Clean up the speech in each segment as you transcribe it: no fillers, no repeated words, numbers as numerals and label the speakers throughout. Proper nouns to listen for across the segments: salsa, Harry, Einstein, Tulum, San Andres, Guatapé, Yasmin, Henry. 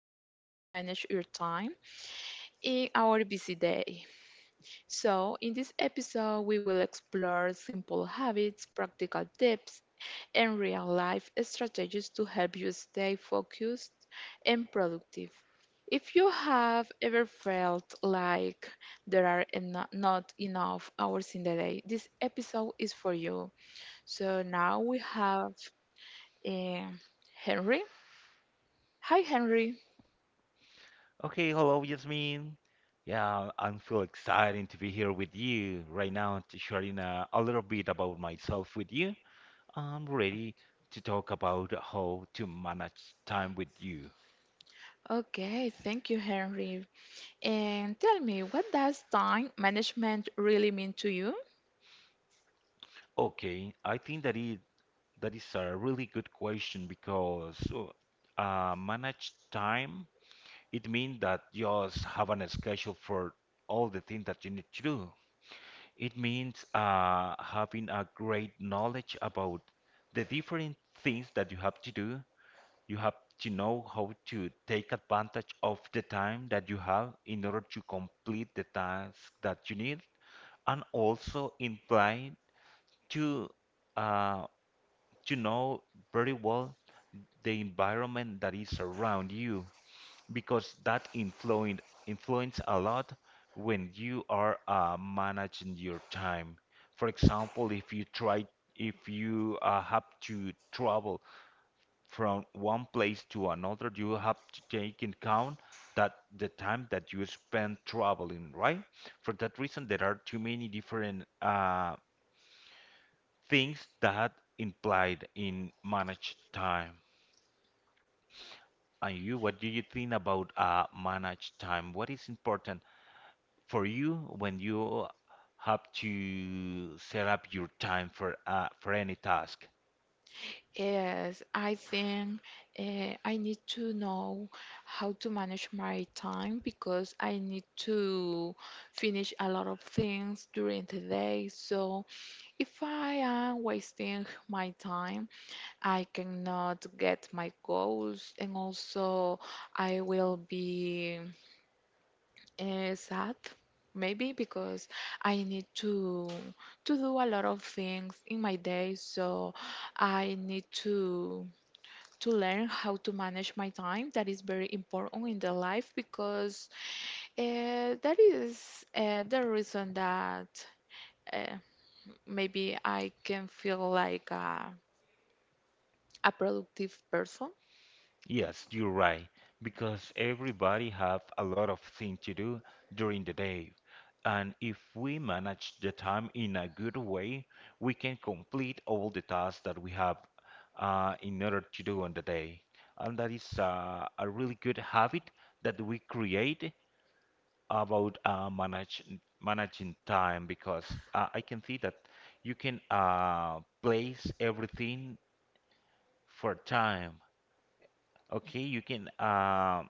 Speaker 1: about how to manage your time in our busy day. So, in this episode, we will explore simple habits, practical tips, and real life strategies to help you stay focused and productive. If you have ever felt like there are not enough hours in the day, this episode is for you, so now we have eh, Henry. Hi, Henry.
Speaker 2: Okay, hello, Yasmin. Yeah, I'm so excited to be here with you right now to sharing a little bit about myself with you. I'm ready to talk about how to manage time with you.
Speaker 1: Okay, thank you, Henry. And tell me, what does time management really mean to you?
Speaker 2: Okay, I think that it that is a really good question because manage time it means that just have a schedule for all the things that you need to do. It means having a great knowledge about the different things that you have to do. You have to know how to take advantage of the time that you have in order to complete the task that you need, and also imply to uh, to know very well the environment that is around you because that influence a lot when you are managing your time. For example, if you have to travel from one place to another, you have to take in count that the time that you spend traveling, right? For that reason, there are too many different things that implied in managed time. And you, what do you think about managed time? What is important for you when you have to set up your time for any task?
Speaker 1: Yes, I think I need to know how to manage my time because I need to finish a lot of things during the day. So if I am wasting my time, I cannot get my goals, and also I will be sad, maybe because I need to do a lot of things in my day. So I need to learn how to manage my time. That is very important in the life because that is the reason that. Uh, Maybe I can feel like a productive person.
Speaker 2: Yes, you're right, because everybody have a lot of things to do during the day. And if we manage the time in a good way, we can complete all the tasks that we have in order to do on the day. And that is a really good habit that we create about managing time because I can see that you can place everything for time. Okay, you can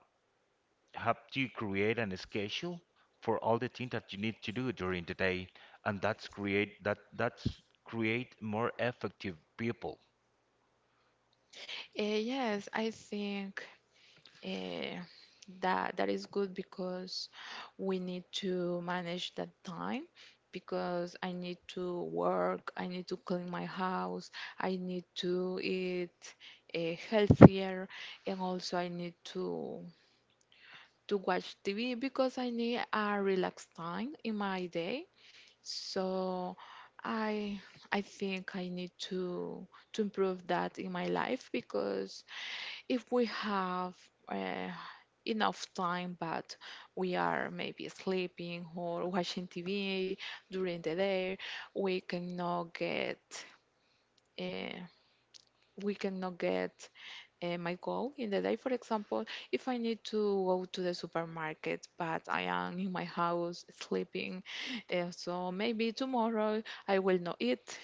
Speaker 2: have to create an schedule for all the things that you need to do during the day, and that's create more effective people.
Speaker 1: Yes, I think eh, that that is good because we need to manage that time because I need to work, I need to clean my house, I need to eat healthier, and also I need to watch TV because I need a relaxed time in my day. So I I think I need to improve that in my life because if we have uh, enough time, but we are maybe sleeping or watching TV during the day, we cannot get. Uh, we cannot get my goal in the day. For example, if I need to go to the supermarket, but I am in my house sleeping, so maybe tomorrow I will not eat.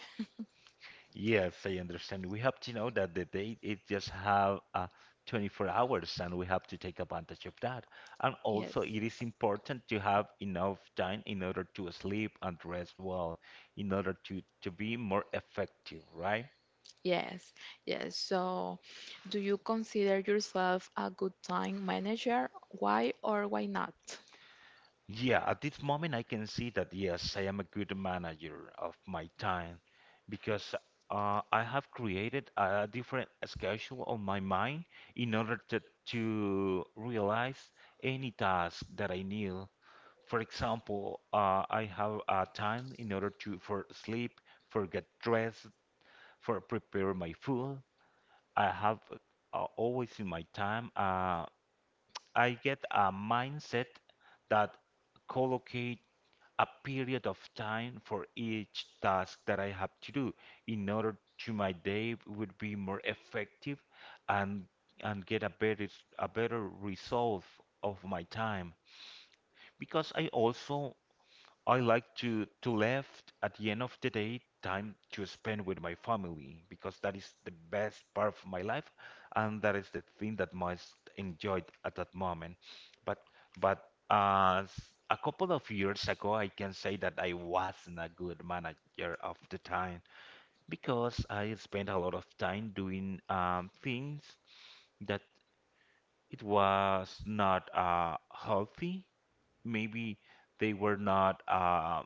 Speaker 2: Yes, I understand. We have to know that the day it just have 24 hours and we have to take advantage of that. And
Speaker 1: Yes.
Speaker 2: also it is important to have enough time in order to sleep and rest well, in order to be more effective, right?
Speaker 1: Yes, yes. So, do you consider yourself a good time manager? Why or why not?
Speaker 2: Yeah, at this moment, I can see that yes, I am a good manager of my time because I have created a different schedule on my mind in order to realize any task that I need. For example, I have a time in order to for sleep, for get dressed, for prepare my food. I have always in my time. I get a mindset that collocate a period of time for each task that I have to do in order to my day would be more effective and get a better result of my time because I also I like to left at the end of the day time to spend with my family because that is the best part of my life and that is the thing that most enjoyed at that moment. But but as a couple of years ago, I can say that I wasn't a good manager of the time because I spent a lot of time doing things that it was not healthy, maybe they were not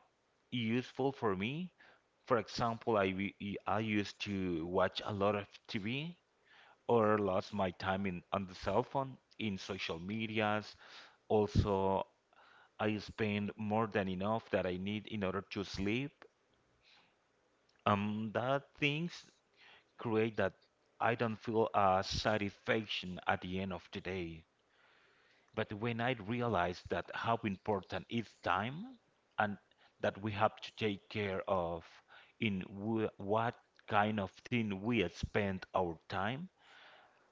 Speaker 2: useful for me. For example, I used to watch a lot of TV or lost my time in on the cell phone in social medias. Also, I spend more than enough that I need in order to sleep. That things create that I don't feel a satisfaction at the end of the day. But when I realized that how important is time and that we have to take care of in wh what kind of thing we spend our time,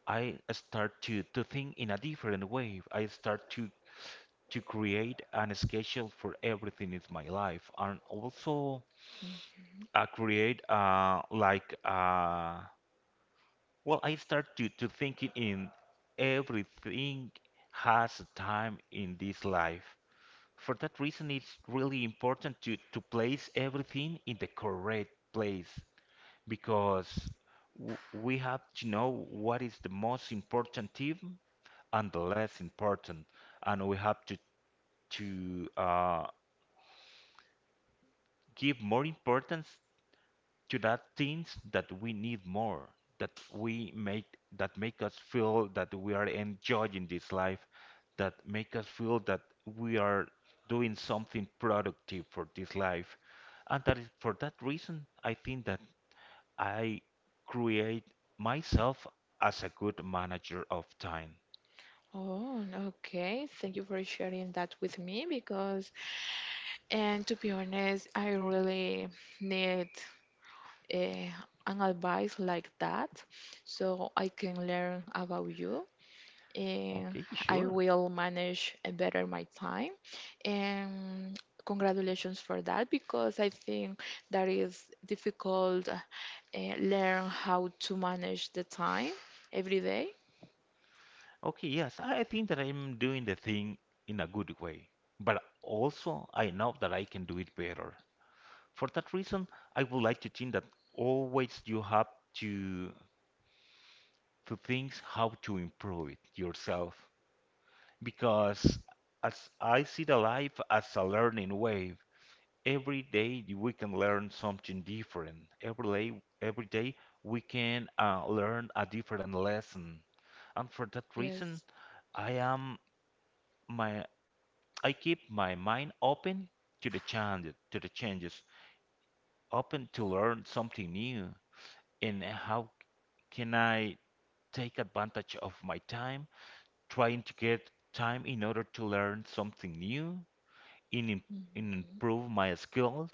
Speaker 2: I start to think in a different way. I start to create an schedule for everything in my life and also I create well I start to thinking in everything has a time in this life. For that reason, it's really important to place everything in the correct place because w we have to know what is the most important team and the less important, and we have to to uh, give more importance to that things that we need more, that we make that make us feel that we are enjoying this life, that make us feel that we are doing something productive for this life. And that is for that reason I think that I create myself as a good manager of time.
Speaker 1: Oh, okay. Thank you for sharing that with me because, and to be honest, I really need eh, an advice like that, so I can learn about you, and
Speaker 2: Okay,
Speaker 1: I
Speaker 2: sure.
Speaker 1: will manage better my time. And congratulations for that, because I think that is difficult learn how to manage the time every day.
Speaker 2: Okay, yes, I think that I'm doing the thing in a good way, but also I know that I can do it better. For that reason, I would like to think that always you have to to think how to improve it yourself. Because as I see the life as a learning wave, every day we can learn something different. Every day we can learn a different lesson. And for that reason,
Speaker 1: Yes.
Speaker 2: I am my I keep my mind open to the change, to the changes, open to learn something new, and how can I take advantage of my time, trying to get time in order to learn something new and, im- and
Speaker 1: Mhm.
Speaker 2: improve my skills.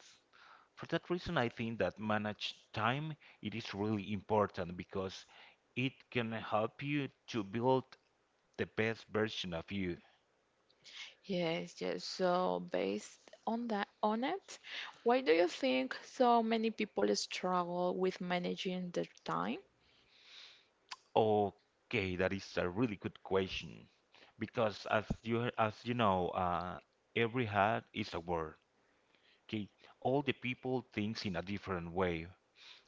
Speaker 2: For that reason, I think that manage time it is really important because it can help you to build the best version of you.
Speaker 1: Yes, yes. So, based on that on it, why do you think so many people struggle with managing their time?
Speaker 2: Okay, that is a really good question because as you know, every hat is a word. Okay, all the people thinks in a different way.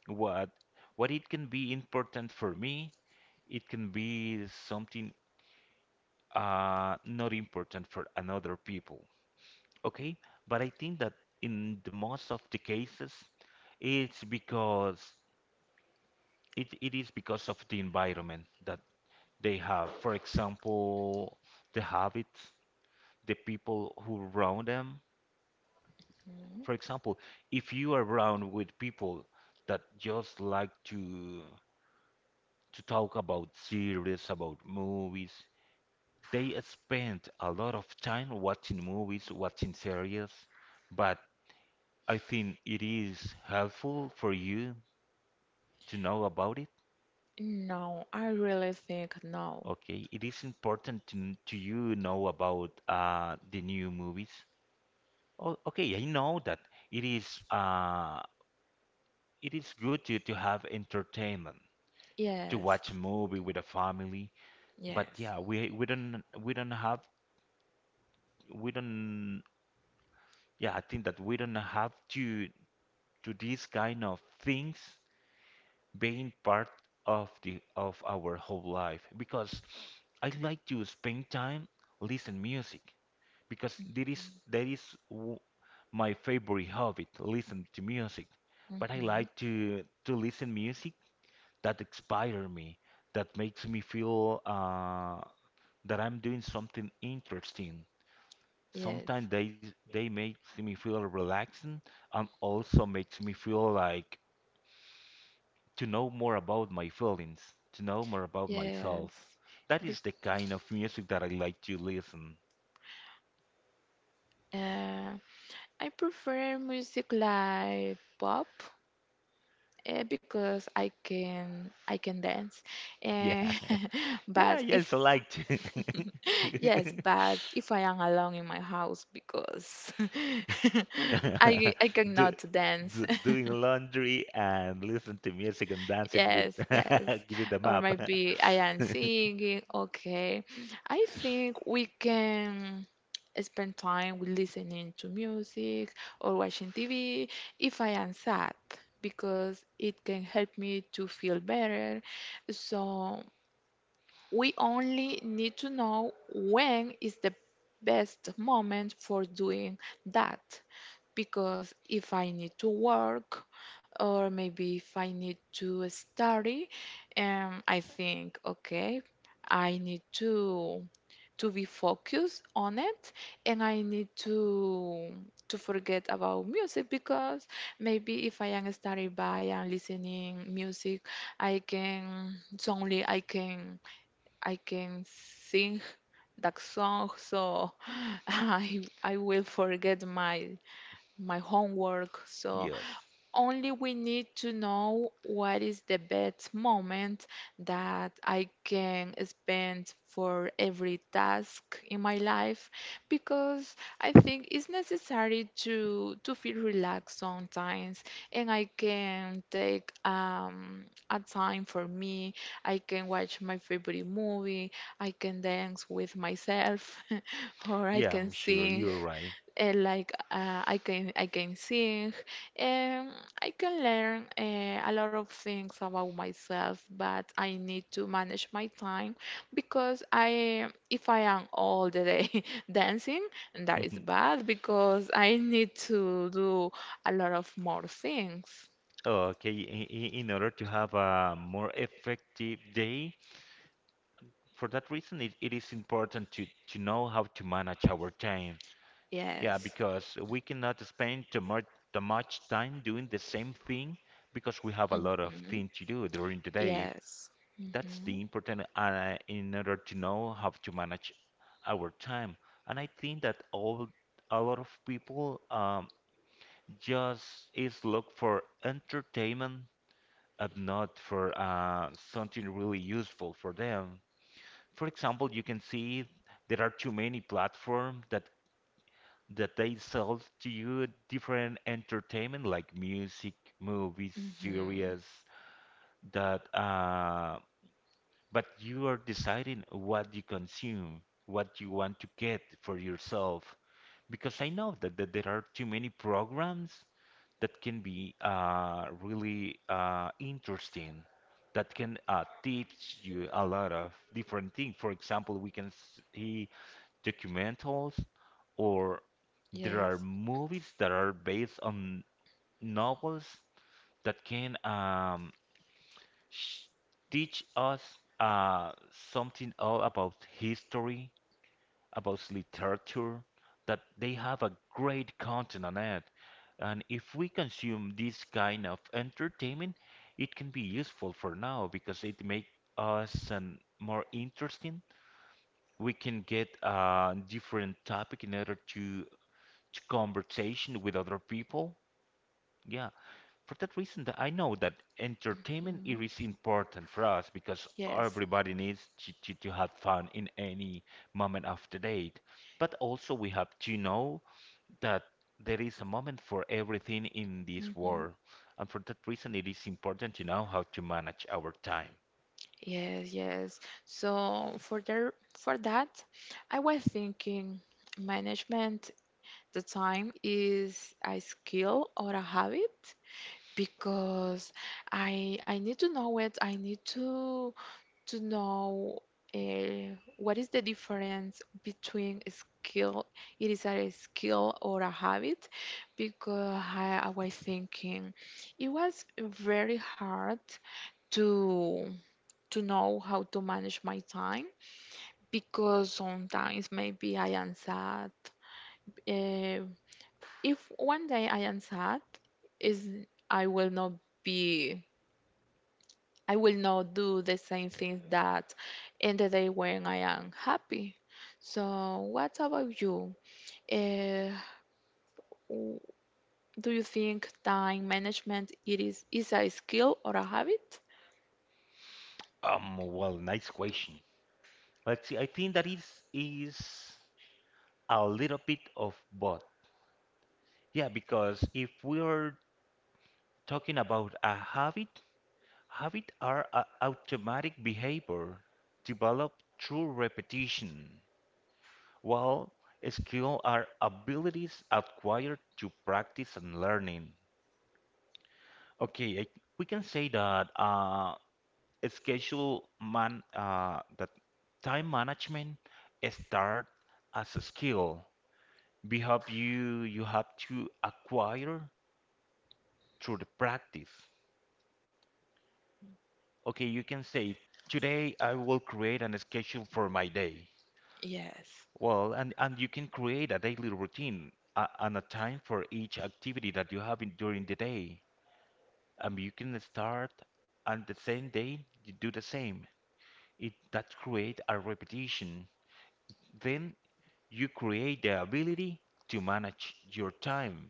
Speaker 2: What what it can be important for me, it can be something not important for another people. Okay, but I think that in the most of the cases, it's because it is because of the environment that they have. For example, the habits, the people who around them, for example, if you are around with people that just like to talk about series, about movies, they spend a lot of time watching movies, watching series, but I think it is helpful for you to know about it.
Speaker 1: No, I really think no.
Speaker 2: Okay, it is important to you know about the new movies. Oh, okay, I know that it is uh, it is good to have entertainment, to
Speaker 1: Yes,
Speaker 2: watch a movie with a family. But
Speaker 1: yes.
Speaker 2: yeah, we don't have we don't yeah, I think that we don't have to to these kind of things being part of our whole life because I like to spend time listen music because that is w- my favorite hobby to listen to music. But I
Speaker 1: Hmm.
Speaker 2: like to listen music that inspire me, that makes me feel that I'm doing something interesting.
Speaker 1: Yes,
Speaker 2: Sometimes they makes me feel relaxing and also makes me feel like to know more about my feelings, to know more about
Speaker 1: yes.
Speaker 2: myself. That
Speaker 1: Be-
Speaker 2: is the kind of music that I like to listen.
Speaker 1: uh, I prefer music like pop, because I can dance.
Speaker 2: Yeah.
Speaker 1: Eh,
Speaker 2: Yeah,
Speaker 1: but
Speaker 2: I
Speaker 1: if
Speaker 2: also like to
Speaker 1: yes, but if I am alone in my house because I I
Speaker 2: do,
Speaker 1: cannot dance.
Speaker 2: do doing laundry and listen to music and dance it with
Speaker 1: Yes, yes.
Speaker 2: give it a
Speaker 1: Or
Speaker 2: map.
Speaker 1: maybe I am singing. Okay. I think we can spend time with listening to music or watching TV if I am sad, because it can help me to feel better. So we only need to know when is the best moment for doing that, because if I need to work, or maybe if I need to study, I think, okay, I need to be focused on it, and I need to forget about music because, maybe if I am studying by and listening music, I can suddenly I can sing that song, so I will forget my homework. So
Speaker 2: Yes.
Speaker 1: only we need to know what is the best moment that I can spend for every task in my life, because I think it's necessary to feel relaxed sometimes, and I can take a time for me. I can watch my favorite movie. I can dance with myself or I
Speaker 2: Yeah,
Speaker 1: can
Speaker 2: I'm sure
Speaker 1: sing
Speaker 2: you're right.
Speaker 1: like I can sing, and I can learn a lot of things about myself, but I need to manage my time because I if I am all the day dancing, that is
Speaker 2: Mhm.
Speaker 1: bad because I need to do a lot of more things.
Speaker 2: Okay, in order to have a more effective day, for that reason, it is important to know how to manage our time. Yeah,
Speaker 1: Yes.
Speaker 2: because we cannot spend too much time doing the same thing because we have a lot of
Speaker 1: Hmm.
Speaker 2: things to do during the day.
Speaker 1: Yes.
Speaker 2: That's
Speaker 1: Hmm.
Speaker 2: the important in order to know how to manage our time. And I think that all a lot of people just is look for entertainment and not for something really useful for them. For example, you can see there are too many platforms that they sell to you different entertainment like music, movies,
Speaker 1: Hmm.
Speaker 2: series that but you are deciding what you consume, what you want to get for yourself. Because I know that there are too many programs that can be really interesting, that can teach you a lot of different things. For example, we can see documentals, or there are
Speaker 1: Yes.
Speaker 2: movies that are based on novels that can sh teach us uh, something all about history, about literature, that they have a great content on it. And if we consume this kind of entertainment, it can be useful for now because it makes us more interesting. We can get a different topic in order to conversation with other people. Yeah, for that reason that I know that entertainment
Speaker 1: Mhm.
Speaker 2: it is important for us because
Speaker 1: Yes.
Speaker 2: everybody needs to have fun in any moment of the day. But also we have to know that there is a moment for everything in this
Speaker 1: Hmm.
Speaker 2: world. And for that reason it is important to know how to manage our time.
Speaker 1: Yes, yes. So, for that, I was thinking management the time is a skill or a habit, because I need to know it. I need to know what is the difference between a skill. It is a skill or a habit, because I was thinking it was very hard to to know how to manage my time, because sometimes maybe I am sad. Uh, if one day I am sad, is I will not be I will not do the same things that in the day when I am happy. So, what about you? Uh, w- do you think time management it is a skill or a habit?
Speaker 2: Well, nice question. Let's see, I think that is a little bit of both. Yeah, because if we are talking about a habit, habits are a automatic behavior developed through repetition, while skills are abilities acquired through practice and learning. Okay, I, we can say that schedule man that time management start as a skill. We have you you have to acquire through the practice. Okay, you can say today I will create an schedule for my day.
Speaker 1: Yes.
Speaker 2: And you can create a daily routine and a time for each activity that you have in, during the day. And you can start and the same day you do the same. It that create a repetition. Then you create the ability to manage your time.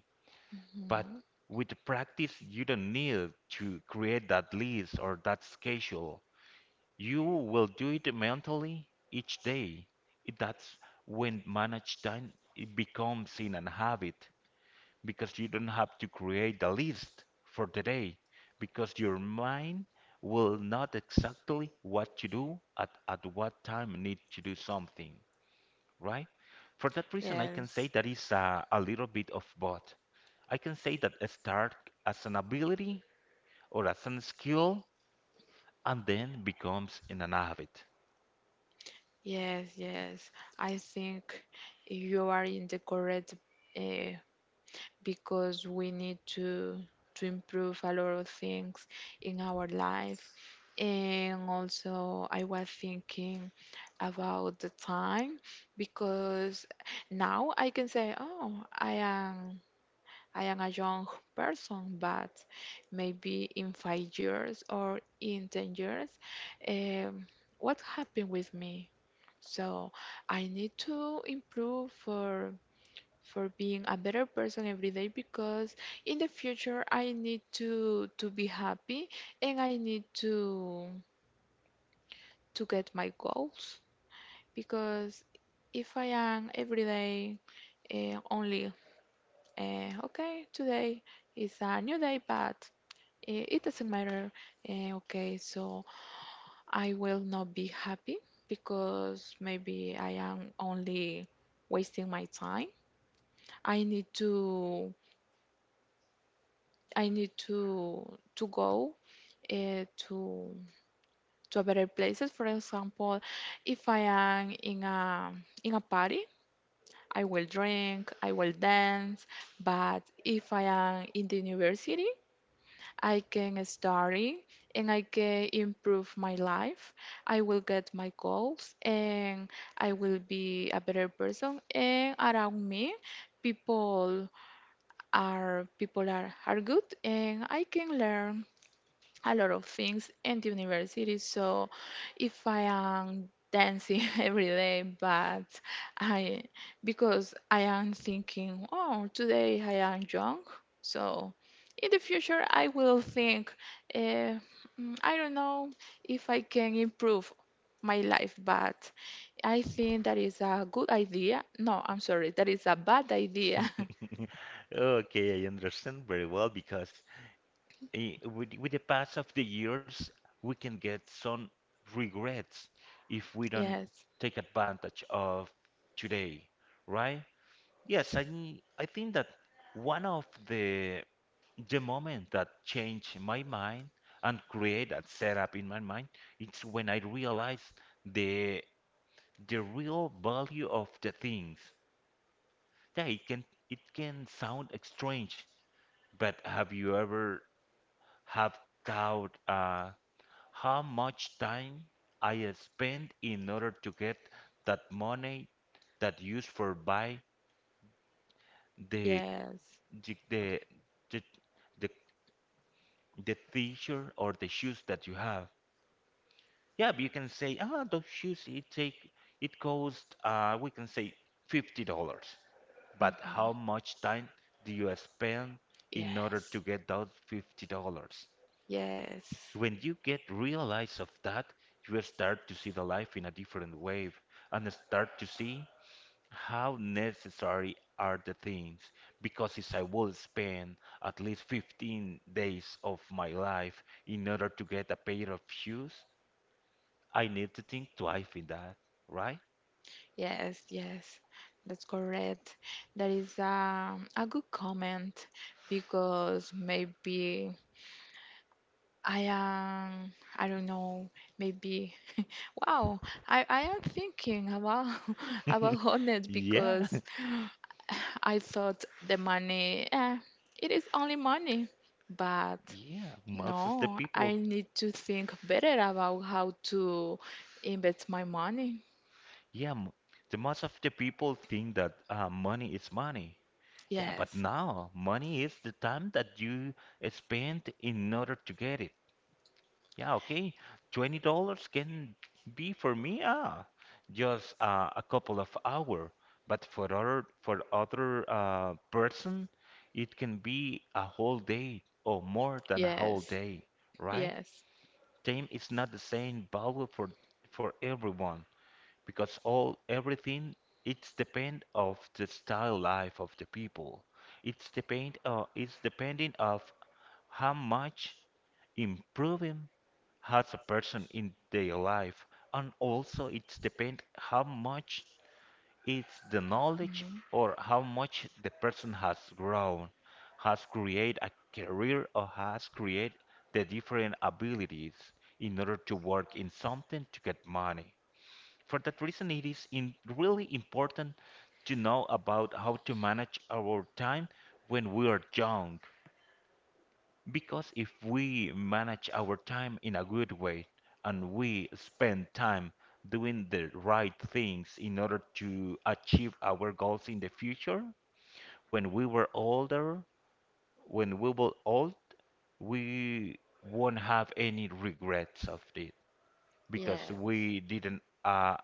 Speaker 2: But
Speaker 1: Mhm.
Speaker 2: with the practice, you don't need to create that list or that schedule. You will do it mentally each day. That's when managed time it becomes in an habit because you don't have to create a list for the day because your mind will not exactly what to do at what time need to do something, right? For that reason, I can say
Speaker 1: Yes.
Speaker 2: that is a little bit of both. I can say that a start as an ability or as a skill and then becomes in an habit.
Speaker 1: Yes, yes. I think you are in the correct, uh, because we need to improve a lot of things in our life. And also, I was thinking about the time, because now I can say, oh, I am a young person, but maybe in 5 years or in 10 years, um, what happened with me? So I need to improve for being a better person every day, because in the future I need to be happy, and I need to get my goals, because if I am every day only, okay, today is a new day, but it doesn't matter, okay, so I will not be happy, because maybe I am only wasting my time. I need to I need to go to a better places. For example, if I am in a party, I will drink, I will dance. But if I am in the university, I can study, and I can improve my life. I will get my goals, and I will be a better person. And around me, people Our people are good, and I can learn a lot of things in the university. So if I am dancing every day, but I because I am thinking, oh, today I am young, so in the future I will think, uh, I don't know if I can improve my life, but I think that is a good idea. No, I'm sorry, that is a bad idea.
Speaker 2: Okay, I understand very well because with the pass of the years, we can get some regrets if we don't
Speaker 1: Yes.
Speaker 2: take advantage of today, right? Yes, I I think that one of the moment that changed my mind and create that setup in my mind, it's when I realized the the real value of the things. Yeah, it can sound strange. But have you ever have thought how much time I spend in order to get that money that used for buy the
Speaker 1: Yes.
Speaker 2: the, the, the, the t-shirt or the shoes that you have? Yeah, but you can say, ah, those shoes it take it cost we can say $50. But
Speaker 1: Mm.
Speaker 2: how much time do you spend in order to
Speaker 1: Yes.
Speaker 2: get those $50?
Speaker 1: Yes.
Speaker 2: When you get realize of that, you start to see the life in a different way and start to see how necessary are the things because if I will spend at least 15 days of my life in order to get a pair of shoes, I need to think twice in that, right?
Speaker 1: Yes. Yes. That's correct. That is a good comment, because maybe I am, I don't know, maybe wow, I am thinking about about honest
Speaker 2: Yeah,
Speaker 1: because I thought the money, it is only money, but
Speaker 2: yeah, most of the
Speaker 1: no, I
Speaker 2: people,
Speaker 1: need to think better about how to invest my money.
Speaker 2: yeah, the most of the people think that money is money. Yeah, but
Speaker 1: Yes,
Speaker 2: now money is the time that you spend in order to get it. Yeah, okay. $20 can be for me, ah, just a couple of hours. But for other person, it can be a whole day or more than a whole
Speaker 1: yes,
Speaker 2: day, right?
Speaker 1: yes.
Speaker 2: Time is not the same value for everyone because all everything it's depend of the style life of the people. It's depend it's depending of how much improving has a person in their life, and also it's depend how much it's the knowledge
Speaker 1: Mhm.
Speaker 2: or how much the person has grown, has created a career or has created the different abilities in order to work in something to get money. For that reason, it is in really important to know about how to manage our time when we are young. Because if we manage our time in a good way and we spend time doing the right things in order to achieve our goals in the future, when we were older, when we were old, we won't have any regrets of it because
Speaker 1: Yes,
Speaker 2: we didn't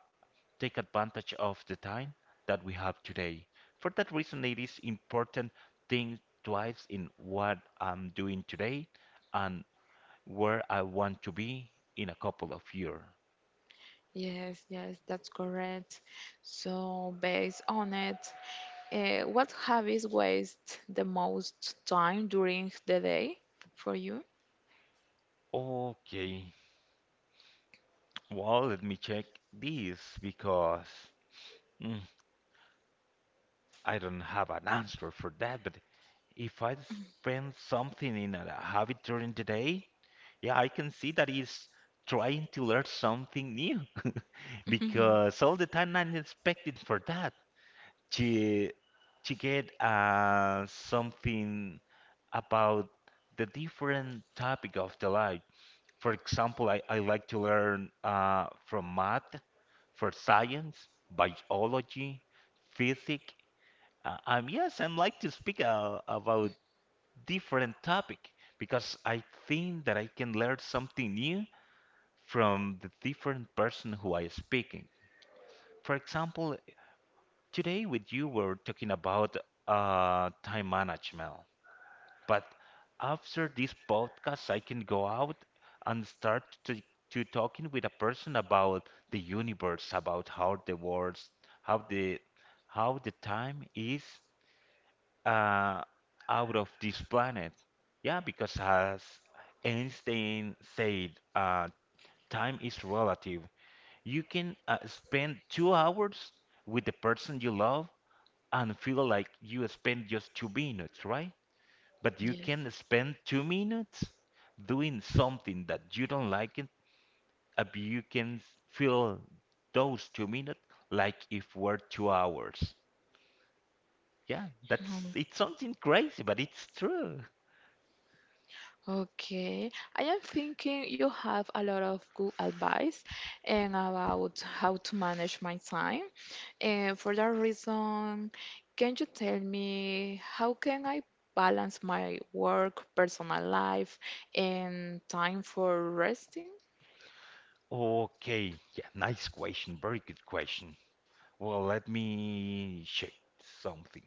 Speaker 2: take advantage of the time that we have today. For that reason, it is important think twice in what I'm doing today and where I want to be in a couple of years.
Speaker 1: yes, yes, that's correct. So, based on it, what habits waste the most time during the day for you?
Speaker 2: Okay, well, let me check this because mm, I don't have an answer for that, but if I spend something in a habit during the day, yeah, I can see that is trying to learn something new. Because all the time I'm expecting for that. She she get something about the different topic of the life. For example, I like to learn from math, for science, biology, physics. Yes, I like to speak about different topic because I think that I can learn something new from the different person who I speaking. For example, today, with you, we're talking about time management. But after this podcast, I can go out and to talking with a person about the universe, about how the world, how the how the time is uh, out of this planet. Yeah, because as Einstein said, time is relative. You can spend 2 hours with the person you love and feel like you spend just 2 minutes, right? But you
Speaker 1: Yes.
Speaker 2: can spend 2 minutes doing something that you don't like it, but you can feel those 2 minutes like if were 2 hours. Yeah, that's
Speaker 1: Mhm.
Speaker 2: it's something crazy, but it's true.
Speaker 1: Okay, I am thinking you have a lot of good advice and about how to manage my time. And for that reason, can you tell me how can I balance my work, personal life, and time for resting?
Speaker 2: Okay, yeah, nice question, very good question. Well, let me check something.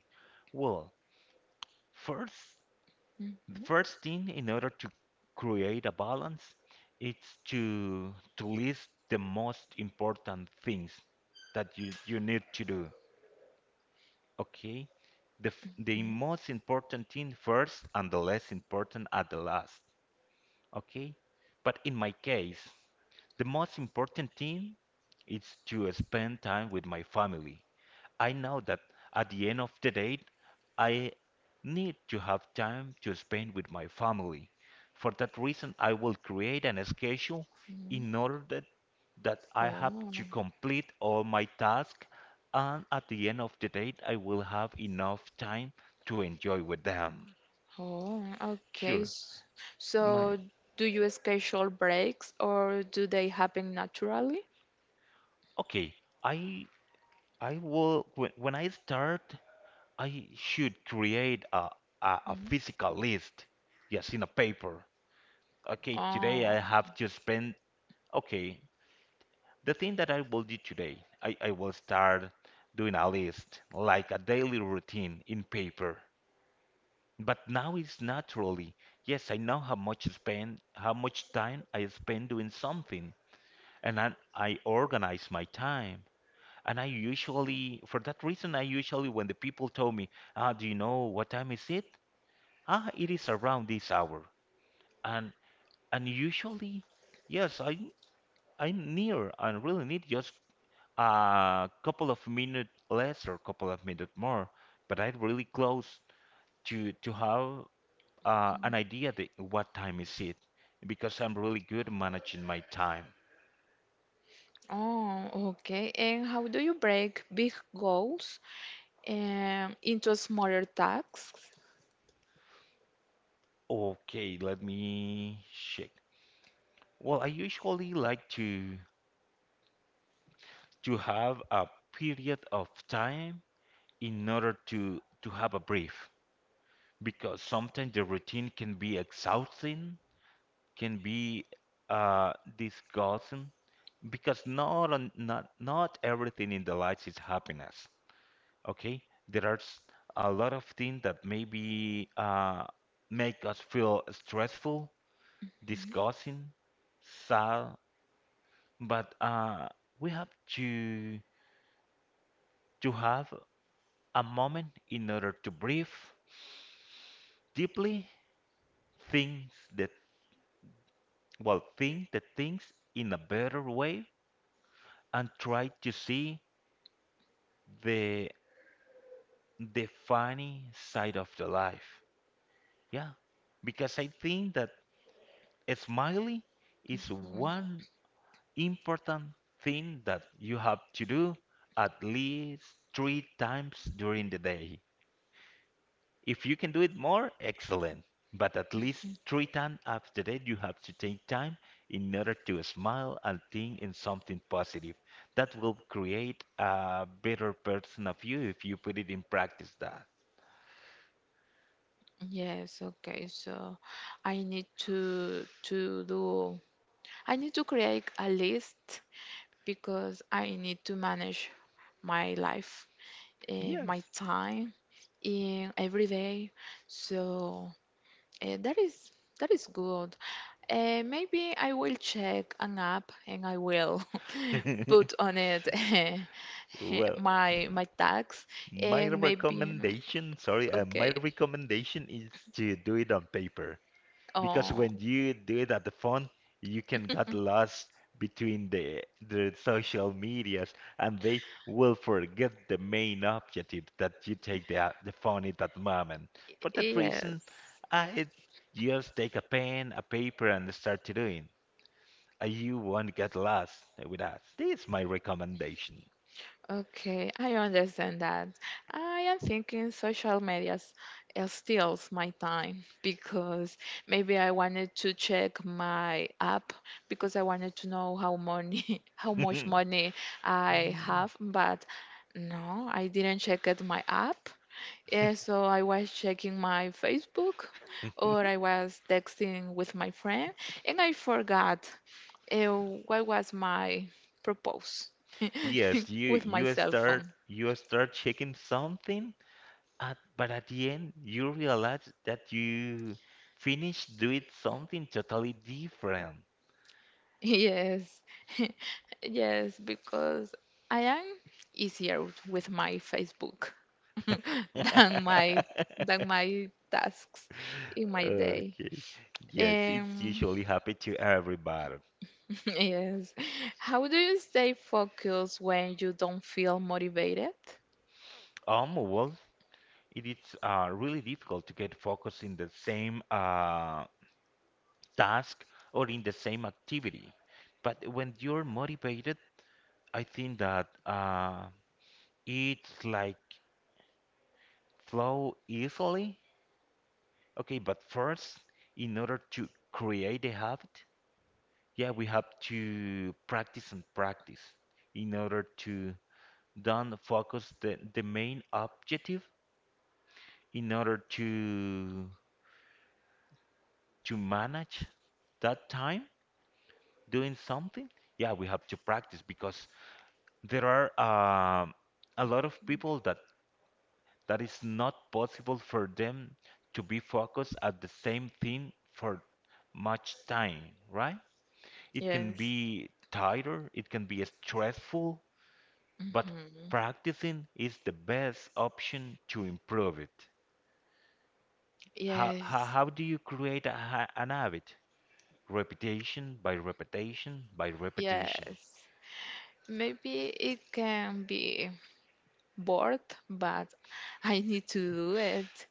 Speaker 2: Well, first, the
Speaker 1: Mhm.
Speaker 2: first thing in order to create a balance it's to list the most important things that you need to do. Okay? The the most important thing first and the less important at the last. Okay? But in my case, the most important thing is to spend time with my family. I know that at the end of the day, I need to have time to spend with my family. For that reason, I will create an schedule
Speaker 1: Mm. Mm.
Speaker 2: in order that, that I have
Speaker 1: Oh.
Speaker 2: to complete all my tasks, and at the end of the day, I will have enough time to enjoy with them.
Speaker 1: Oh, okay.
Speaker 2: Sure,
Speaker 1: S-
Speaker 2: my
Speaker 1: So, do you schedule breaks, or do they happen naturally?
Speaker 2: okay. I I will when I start I should create a
Speaker 1: Mm.
Speaker 2: physical list, yes, in a paper. Okay, today
Speaker 1: Oh.
Speaker 2: I have to spend, okay, the thing that I will do today, I will start doing a list, like a daily routine in paper. But now it's naturally, yes, I know how much spend, how much time I spend doing something, and I organize my time. And I usually, for that reason, I usually, when the people tell me, ah, do you know what time is it? Ah, it is around this hour, and and usually, yes, I'm near and really need just a couple of minutes less or couple of minutes more, but I'm really close to have an
Speaker 1: Mm.
Speaker 2: idea that what time is it, because I'm really good managing my time.
Speaker 1: Oh, okay. And how do you break big goals into smaller tasks?
Speaker 2: Okay, let me check. Well, I usually like to have a period of time in order to have a brief. Because sometimes the routine can be exhausting, can be disgusting, because not not everything in the life is happiness. Okay, there are a lot of things that maybe make us feel stressful,
Speaker 1: Mm.
Speaker 2: disgusting, sad, but we have to to have a moment in order to breathe deeply, think the well think the things in a better way and try to see the the funny side of the life, yeah, because I think that a smiley
Speaker 1: Mm.
Speaker 2: is one important thing that you have to do at least 3 times during the day. If you can do it more, excellent. But at least 3 times after that, you have to take time in order to smile and think in something positive. That will create a better person of you if you put it in practice that.
Speaker 1: Yes, okay. So I need to do, I need to create a list, because I need to manage my life,
Speaker 2: Yes.
Speaker 1: my time in every day. So, that is good. Maybe I will check an app, and I will put on it
Speaker 2: Well,
Speaker 1: my tags,
Speaker 2: my
Speaker 1: and maybe
Speaker 2: recommendation, sorry, my
Speaker 1: okay.
Speaker 2: recommendation is to do it on paper. Because
Speaker 1: Oh
Speaker 2: when you do it at the phone, you can get lost between the social medias, and they will forget the main objective that you take the phone at that moment. For that
Speaker 1: yes.
Speaker 2: reason, I just take a pen, a paper, and start to doing. You won't get lost with us. This is my recommendation.
Speaker 1: Okay, I understand that. I am thinking social media steals my time, because maybe I wanted to check my app, because I wanted to know how money, how much money I have, but no, I didn't check at my app. Yeah, so I was checking my Facebook or I was texting with my friend, and I forgot uh, what was my propose
Speaker 2: Yes,
Speaker 1: with my cell phone?
Speaker 2: you start checking something, at, but at the end, you realize that you finished doing something totally different.
Speaker 1: Yes, yes, because I am easier with my Facebook than my than my tasks in my day.
Speaker 2: Okay. Yes, it's
Speaker 1: Um,
Speaker 2: usually happen to everybody.
Speaker 1: yes. How do you stay focused when you don't feel motivated?
Speaker 2: Well, it is really difficult to get focused in the same task or in the same activity. But when you're motivated, I think that it's like flow easily. Okay, but first, in order to create the habit, yeah, we have to practice and practice in order to then focus the main objective in order to manage that time doing something. Yeah, we have to practice because there are a lot of people that that is not possible for them to be focused at the same thing for much time, right? It can
Speaker 1: Yes.
Speaker 2: be tighter, it can be stressful, but
Speaker 1: Mhm.
Speaker 2: practicing is the best option to improve it.
Speaker 1: Yes,
Speaker 2: How do you create an habit? Repetition by repetition by repetition.
Speaker 1: yes. Maybe it can be bored, but I need to do it.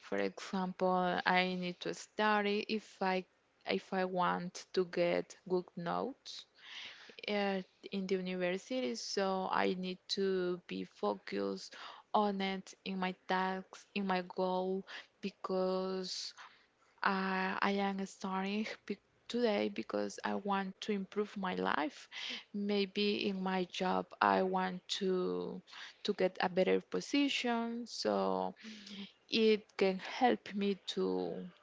Speaker 1: For example, I need to study, if I want to get good notes at, in the university, so I need to be focused on it, in my tasks, in my goal, because I am starting today, because I want to improve my life. Maybe in my job, I want to get a better position, so it can help me to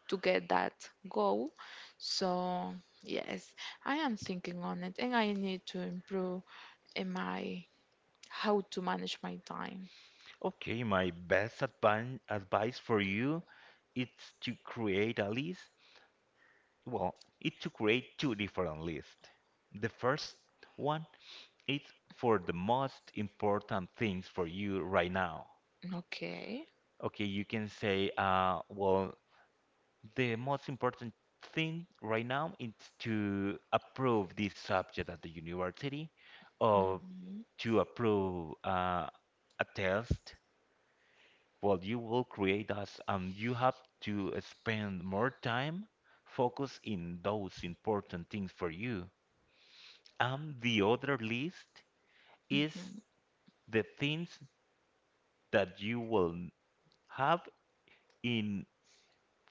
Speaker 1: to get that goal. So, yes, I am thinking on it, and I need to improve in my how to manage my time.
Speaker 2: Okay, my best advan advice for you it's to create a list. Well, it's to create two different lists. The first one is for the most important things for you right now.
Speaker 1: Okay.
Speaker 2: Okay, you can say, well, the most important thing right now is to approve this subject at the university or
Speaker 1: Mhm.
Speaker 2: to approve a test. Well, you will create us, and you have to spend more time focus in those important things for you. And the other list is
Speaker 1: Mhm.
Speaker 2: the things that you will have in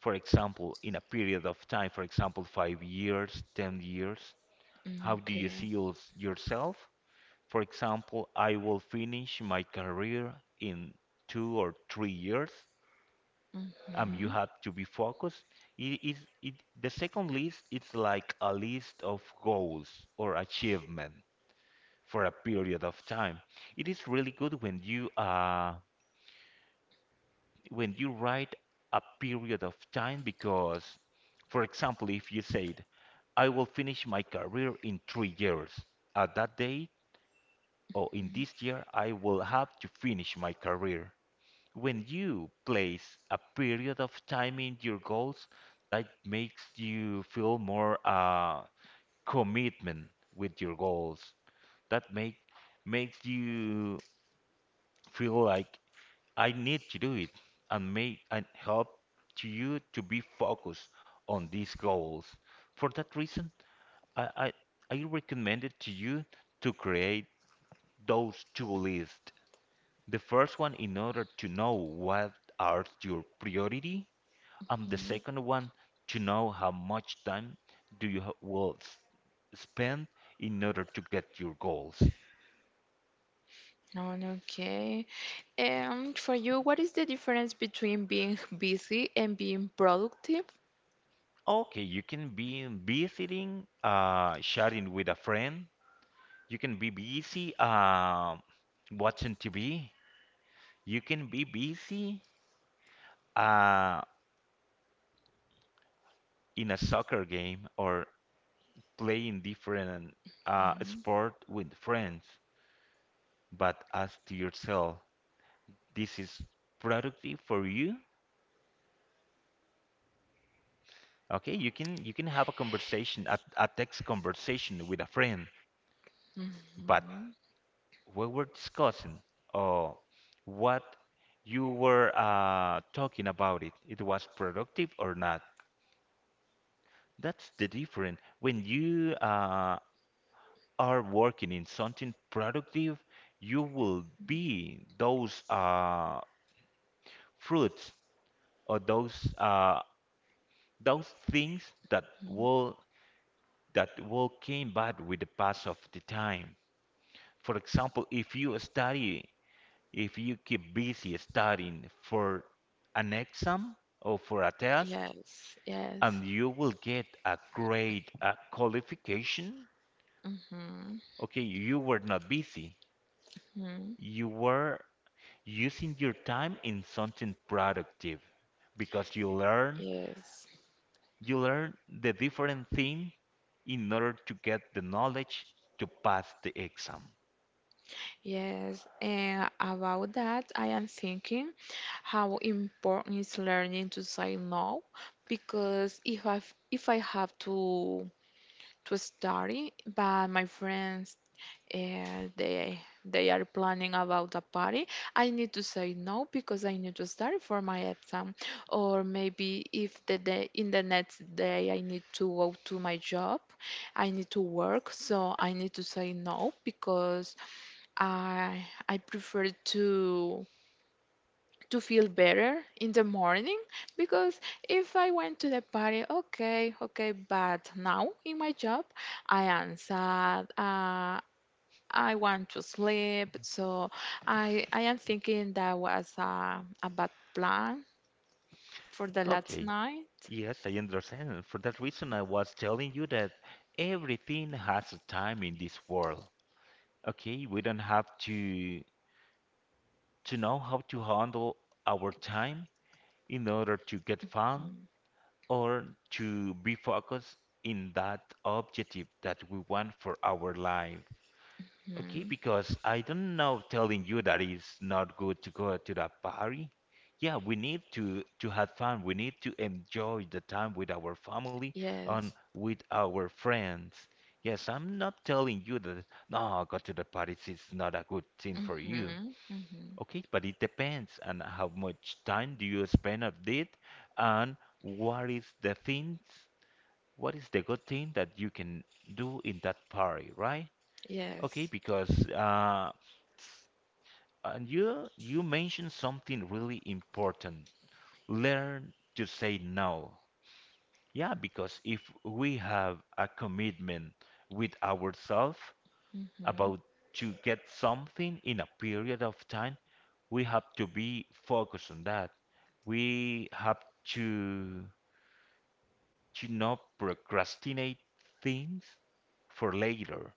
Speaker 2: for example, in a period of time, for example, 5 years, 10 years,
Speaker 1: Mm.
Speaker 2: how do you
Speaker 1: Okay.
Speaker 2: see yourself? For example, I will finish my career in 2 or 3 years. You
Speaker 1: Mhm.
Speaker 2: have to be focused. It is it the second list it's like a list of goals or achievement for a period of time. It is really good when you when you write a period of time because, for example, if you said, I will finish my career in 3 years, at that date or in this year, I will have to finish my career. When you place a period of time in your goals, that makes you feel more commitment with your goals. That make Makes you feel like I need to do it and make and help to you to be focused on these goals. For that reason, I, I recommend it to you to create those two lists. The first one in order to know what are your priority, and the
Speaker 1: Mhm.
Speaker 2: second one to know how much time do you will spend in order to get your goals.
Speaker 1: On, okay. And for you, what is the difference between being busy and being productive?
Speaker 2: Okay, you can be visiting, sharing with a friend. You can be busy watching TV. You can be busy uh, in a soccer game or playing different
Speaker 1: Mm.
Speaker 2: sport with friends. But ask to yourself, this is productive for you? Okay, you can have a conversation, a text conversation with a friend, but
Speaker 1: Mhm.
Speaker 2: we were discussing or what you were talking about it, it was productive or not. That's the difference. When you are working in something productive, you will be those fruits or those things that
Speaker 1: Mhm.
Speaker 2: will that will came back with the pass of the time. For example, if you study, if you keep busy studying for an exam or for a test,
Speaker 1: Yes, yes.
Speaker 2: and you will get a grade, a qualification,
Speaker 1: Mm-hmm.
Speaker 2: okay, you were not busy.
Speaker 1: Mm-hmm.
Speaker 2: You were using your time in something productive because
Speaker 1: Yes,
Speaker 2: you learn the different thing in order to get the knowledge to pass the exam.
Speaker 1: yes. And about that, I am thinking how important is learning to say no, because if I have to study, but my friends they they are planning about a party. I need to say no because I need to study for my exam, or maybe if the day in the next day I need to go to my job. I need to work, so I need to say no because I prefer to feel better in the morning, because if I went to the party, okay, okay, but now in my job I am sad. I want to sleep. So I am thinking that was a bad plan for the last
Speaker 2: Okay.
Speaker 1: night.
Speaker 2: Yes, I understand. And For that reason, I was telling you that everything has a time in this world. Okay, we don't have to know how to handle our time in order to get fun,
Speaker 1: Um,
Speaker 2: or to be focused in that objective that we want for our life. Okay,
Speaker 1: hmm.
Speaker 2: because I don't know telling you that it's not good to go to that party. Yeah, we need to have fun. We need to enjoy the time with our family and
Speaker 1: Yes.
Speaker 2: with our friends. Yes, I'm not telling you that no, go to the parties is not a good thing for
Speaker 1: Hmm.
Speaker 2: you.
Speaker 1: Hmm.
Speaker 2: Okay, but it depends on how much time do you spend on it and what is the things what is the good thing that you can do in that party, right? Okay,
Speaker 1: Yes.
Speaker 2: because s- and you mentioned something really important. Learn to say no. Yeah, because if we have a commitment with ourselves about
Speaker 1: Hmm.
Speaker 2: to get something in a period of time, we have to be focused on that. We have to to not procrastinate things for later.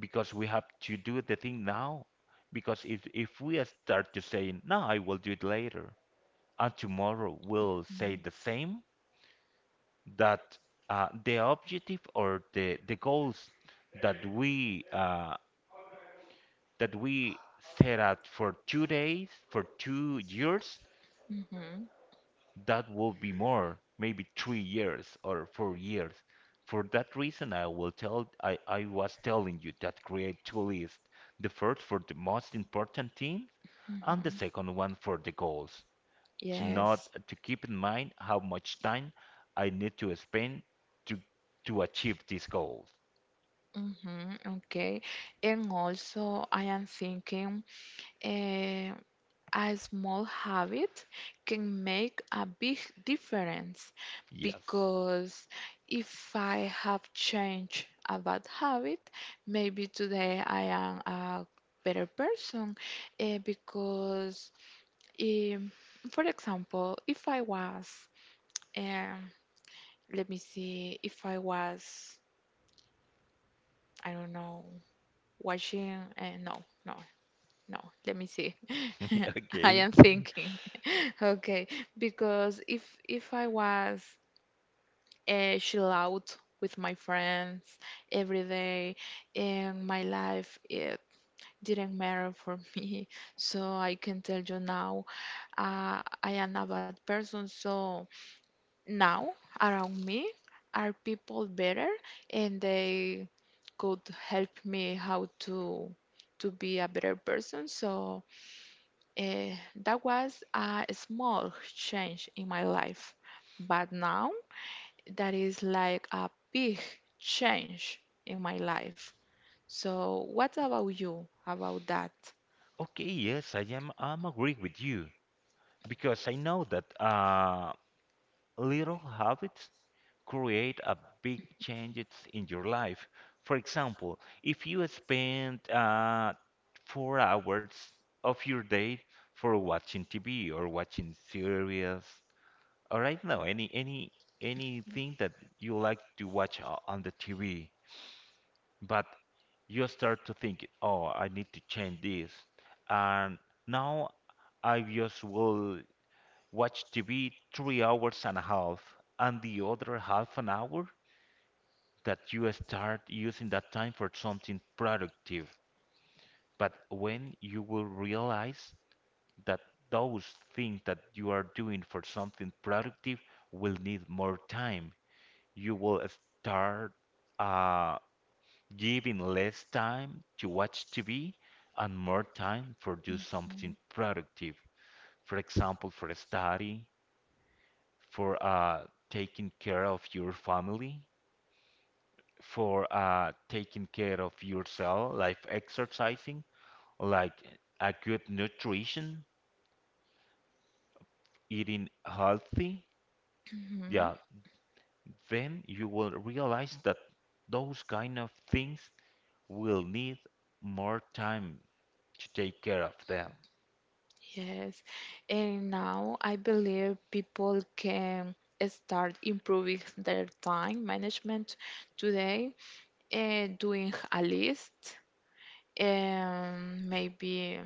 Speaker 2: Because we have to do the thing now. Because if we start to saying, no, I will do it later, and tomorrow we'll say the same, that the objective or the goals that we set out for 2 days, for 2 years,
Speaker 1: Mm-hmm,
Speaker 2: that will be more, maybe 3 years or 4 years. For that reason, I was telling you that create two lists, the first for the most important things and the
Speaker 1: mm-hmm.
Speaker 2: second one for the goals. To
Speaker 1: Yes.
Speaker 2: not to keep in mind how much time I need to spend to to achieve these goals.
Speaker 1: Mm-hmm. Okay. And also, I am thinking, uh, a small habit can make a big difference,
Speaker 2: Yes.
Speaker 1: because if I have changed a bad habit, maybe today I am a better person, because, um, for example, if I was, um, let me see, if I was, I don't know, watching, no, no, No, let me see. I
Speaker 2: Okay.
Speaker 1: am thinking. Okay, because if I was chill out with my friends every day, and my life it didn't matter for me, so I can tell you now, I am a bad person. So now around me are people better, and they could help me how to be a better person. So Eh, that was a small change in my life, but now that is like a big change in my life. So, what about you about that?
Speaker 2: Okay, yes, I'm agree with you because I know that little habits create a big changes in your life. For example, if you spend 4 hours of your day for watching TV or watching series, or I don't know, anything that you like to watch on the TV, but you start to think, oh, I need to change this, and now I just will watch TV 3 hours and a half, and the other half an hour that you start using that time for something productive. But when you will realize that those things that you are doing for something productive will need more time, you will start uh, giving less time to watch TV and more time for do something
Speaker 1: Mhm.
Speaker 2: productive. For example, for study, for taking care of your family, for taking care of yourself, like exercising, like a good nutrition, eating healthy,
Speaker 1: Mhm.
Speaker 2: yeah, then you will realize that those kind of things will need more time to take care of them.
Speaker 1: Yes, and now I believe people can start improving their time management today, doing a list, and maybe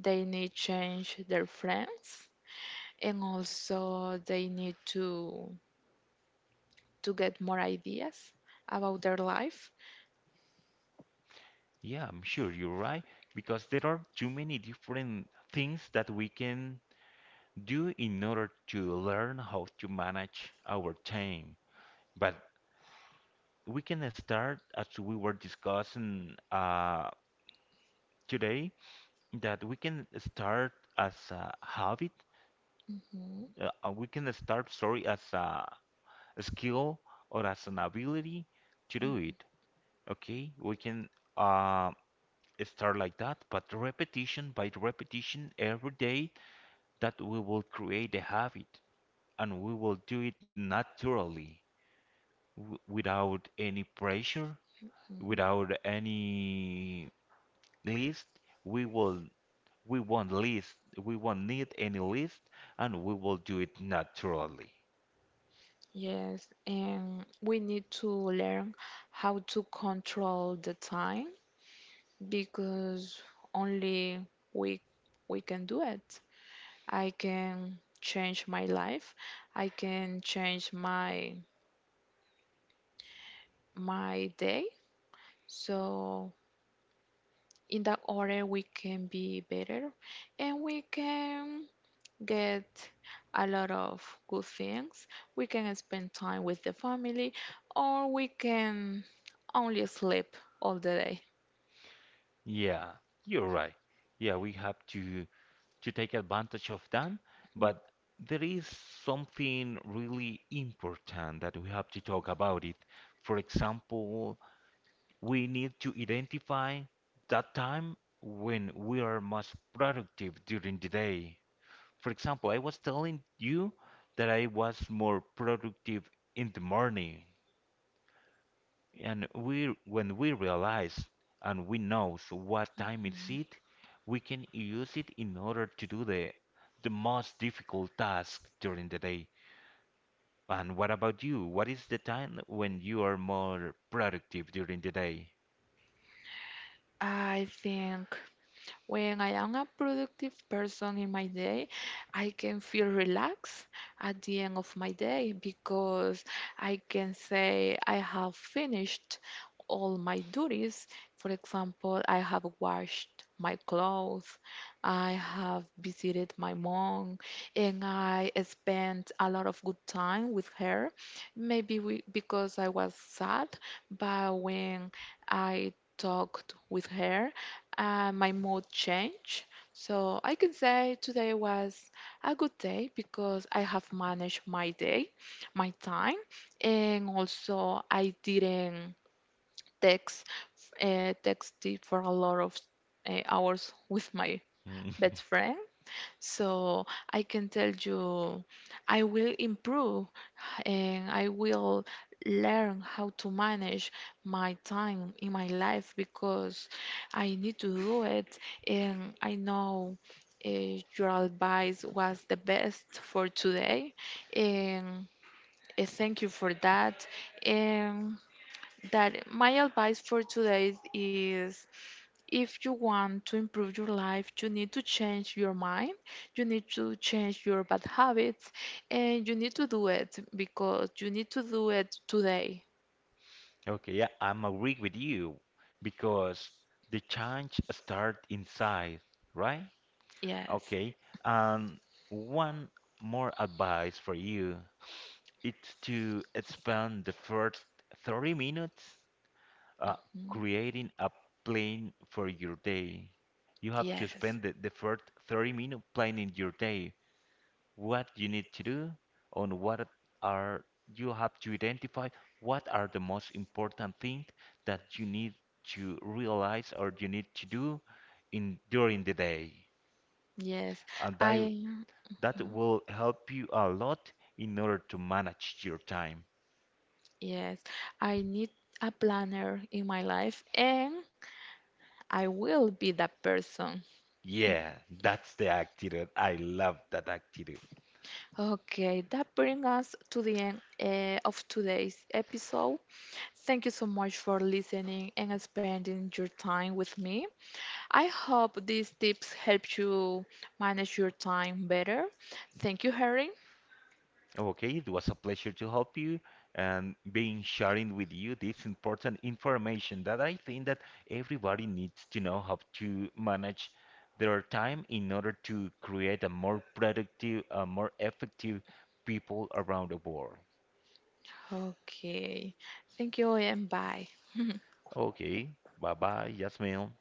Speaker 1: they need change their friends, and also they need to get more ideas about their life.
Speaker 2: Yeah, I'm sure you're right, because there are too many different things that we can do in order to learn how to manage our time. But we can start as we were discussing today that we can start as a habit,
Speaker 1: Mhm,
Speaker 2: we can start sorry as a skill or as an ability to do it. Okay, we can uh, start like that but repetition by repetition every day that we will create a habit and we will do it naturally, without any pressure,
Speaker 1: mhm.
Speaker 2: without any list, we will we won't list, we won't need any list, and we will do it naturally.
Speaker 1: Yes, and we need to learn how to control the time, because only we can do it. I can change my life, I can change my day. So in that order we can be better, and we can get a lot of good things. We can spend time with the family, or we can only sleep all the day.
Speaker 2: Yeah, you're right. Yeah, we have to take advantage of them, but there is something really important that we have to talk about it. For example, we need to identify that time when we are most productive during the day. For example, I was telling you that I was more productive in the morning, and we when we realize and we know so what time is it, we can use it in order to do the most difficult task during the day. And what about you? What is the time when you are more productive during the day?
Speaker 1: I think when I am a productive person in my day, I can feel relaxed at the end of my day, because I can say I have finished all my duties. For example, I have washed my clothes, I have visited my mom, and I spent a lot of good time with her. Maybe we, because I was sad, but when I talked with her, my mood changed. So I can say today was a good day because I have managed my day, my time, and also I didn't text texted for a lot of hours with my
Speaker 2: Mm.
Speaker 1: best friend. So I can tell you, I will improve, and I will learn how to manage my time in my life, because I need to do it, and I know uh, your advice was the best for today, and thank you for that, and that my advice for today is, if you want to improve your life, you need to change your mind, you need to change your bad habits, and you need to do it because you need to do it today.
Speaker 2: Okay, yeah, I'm agree with you because the change start inside, right?
Speaker 1: Yes.
Speaker 2: Okay. And one more advice for you. It's to spend the first 30 minutes uh,
Speaker 1: Mm.
Speaker 2: creating a plan for your day. You have to
Speaker 1: Yes.
Speaker 2: spend the first 30 minutes planning your day. What you need to do, on what are you have to identify what are the most important things that you need to realize or you need to do in during the day.
Speaker 1: Yes.
Speaker 2: And
Speaker 1: I
Speaker 2: that
Speaker 1: mm.
Speaker 2: will help you a lot in order to manage your time.
Speaker 1: Yes. I need a planner in my life, and I will be that person.
Speaker 2: Yeah, that's the activity. I love that activity.
Speaker 1: Okay, that brings us to the end of today's episode. Thank you so much for listening and spending your time with me. I hope these tips help you manage your time better. Thank you, Harry.
Speaker 2: Okay, it was a pleasure to help you and being sharing with you this important information that I think that everybody needs to know how to manage their time in order to create a more productive, a more effective people around the world.
Speaker 1: Okay. Thank you and bye.
Speaker 2: Okay, bye bye, Yasmin.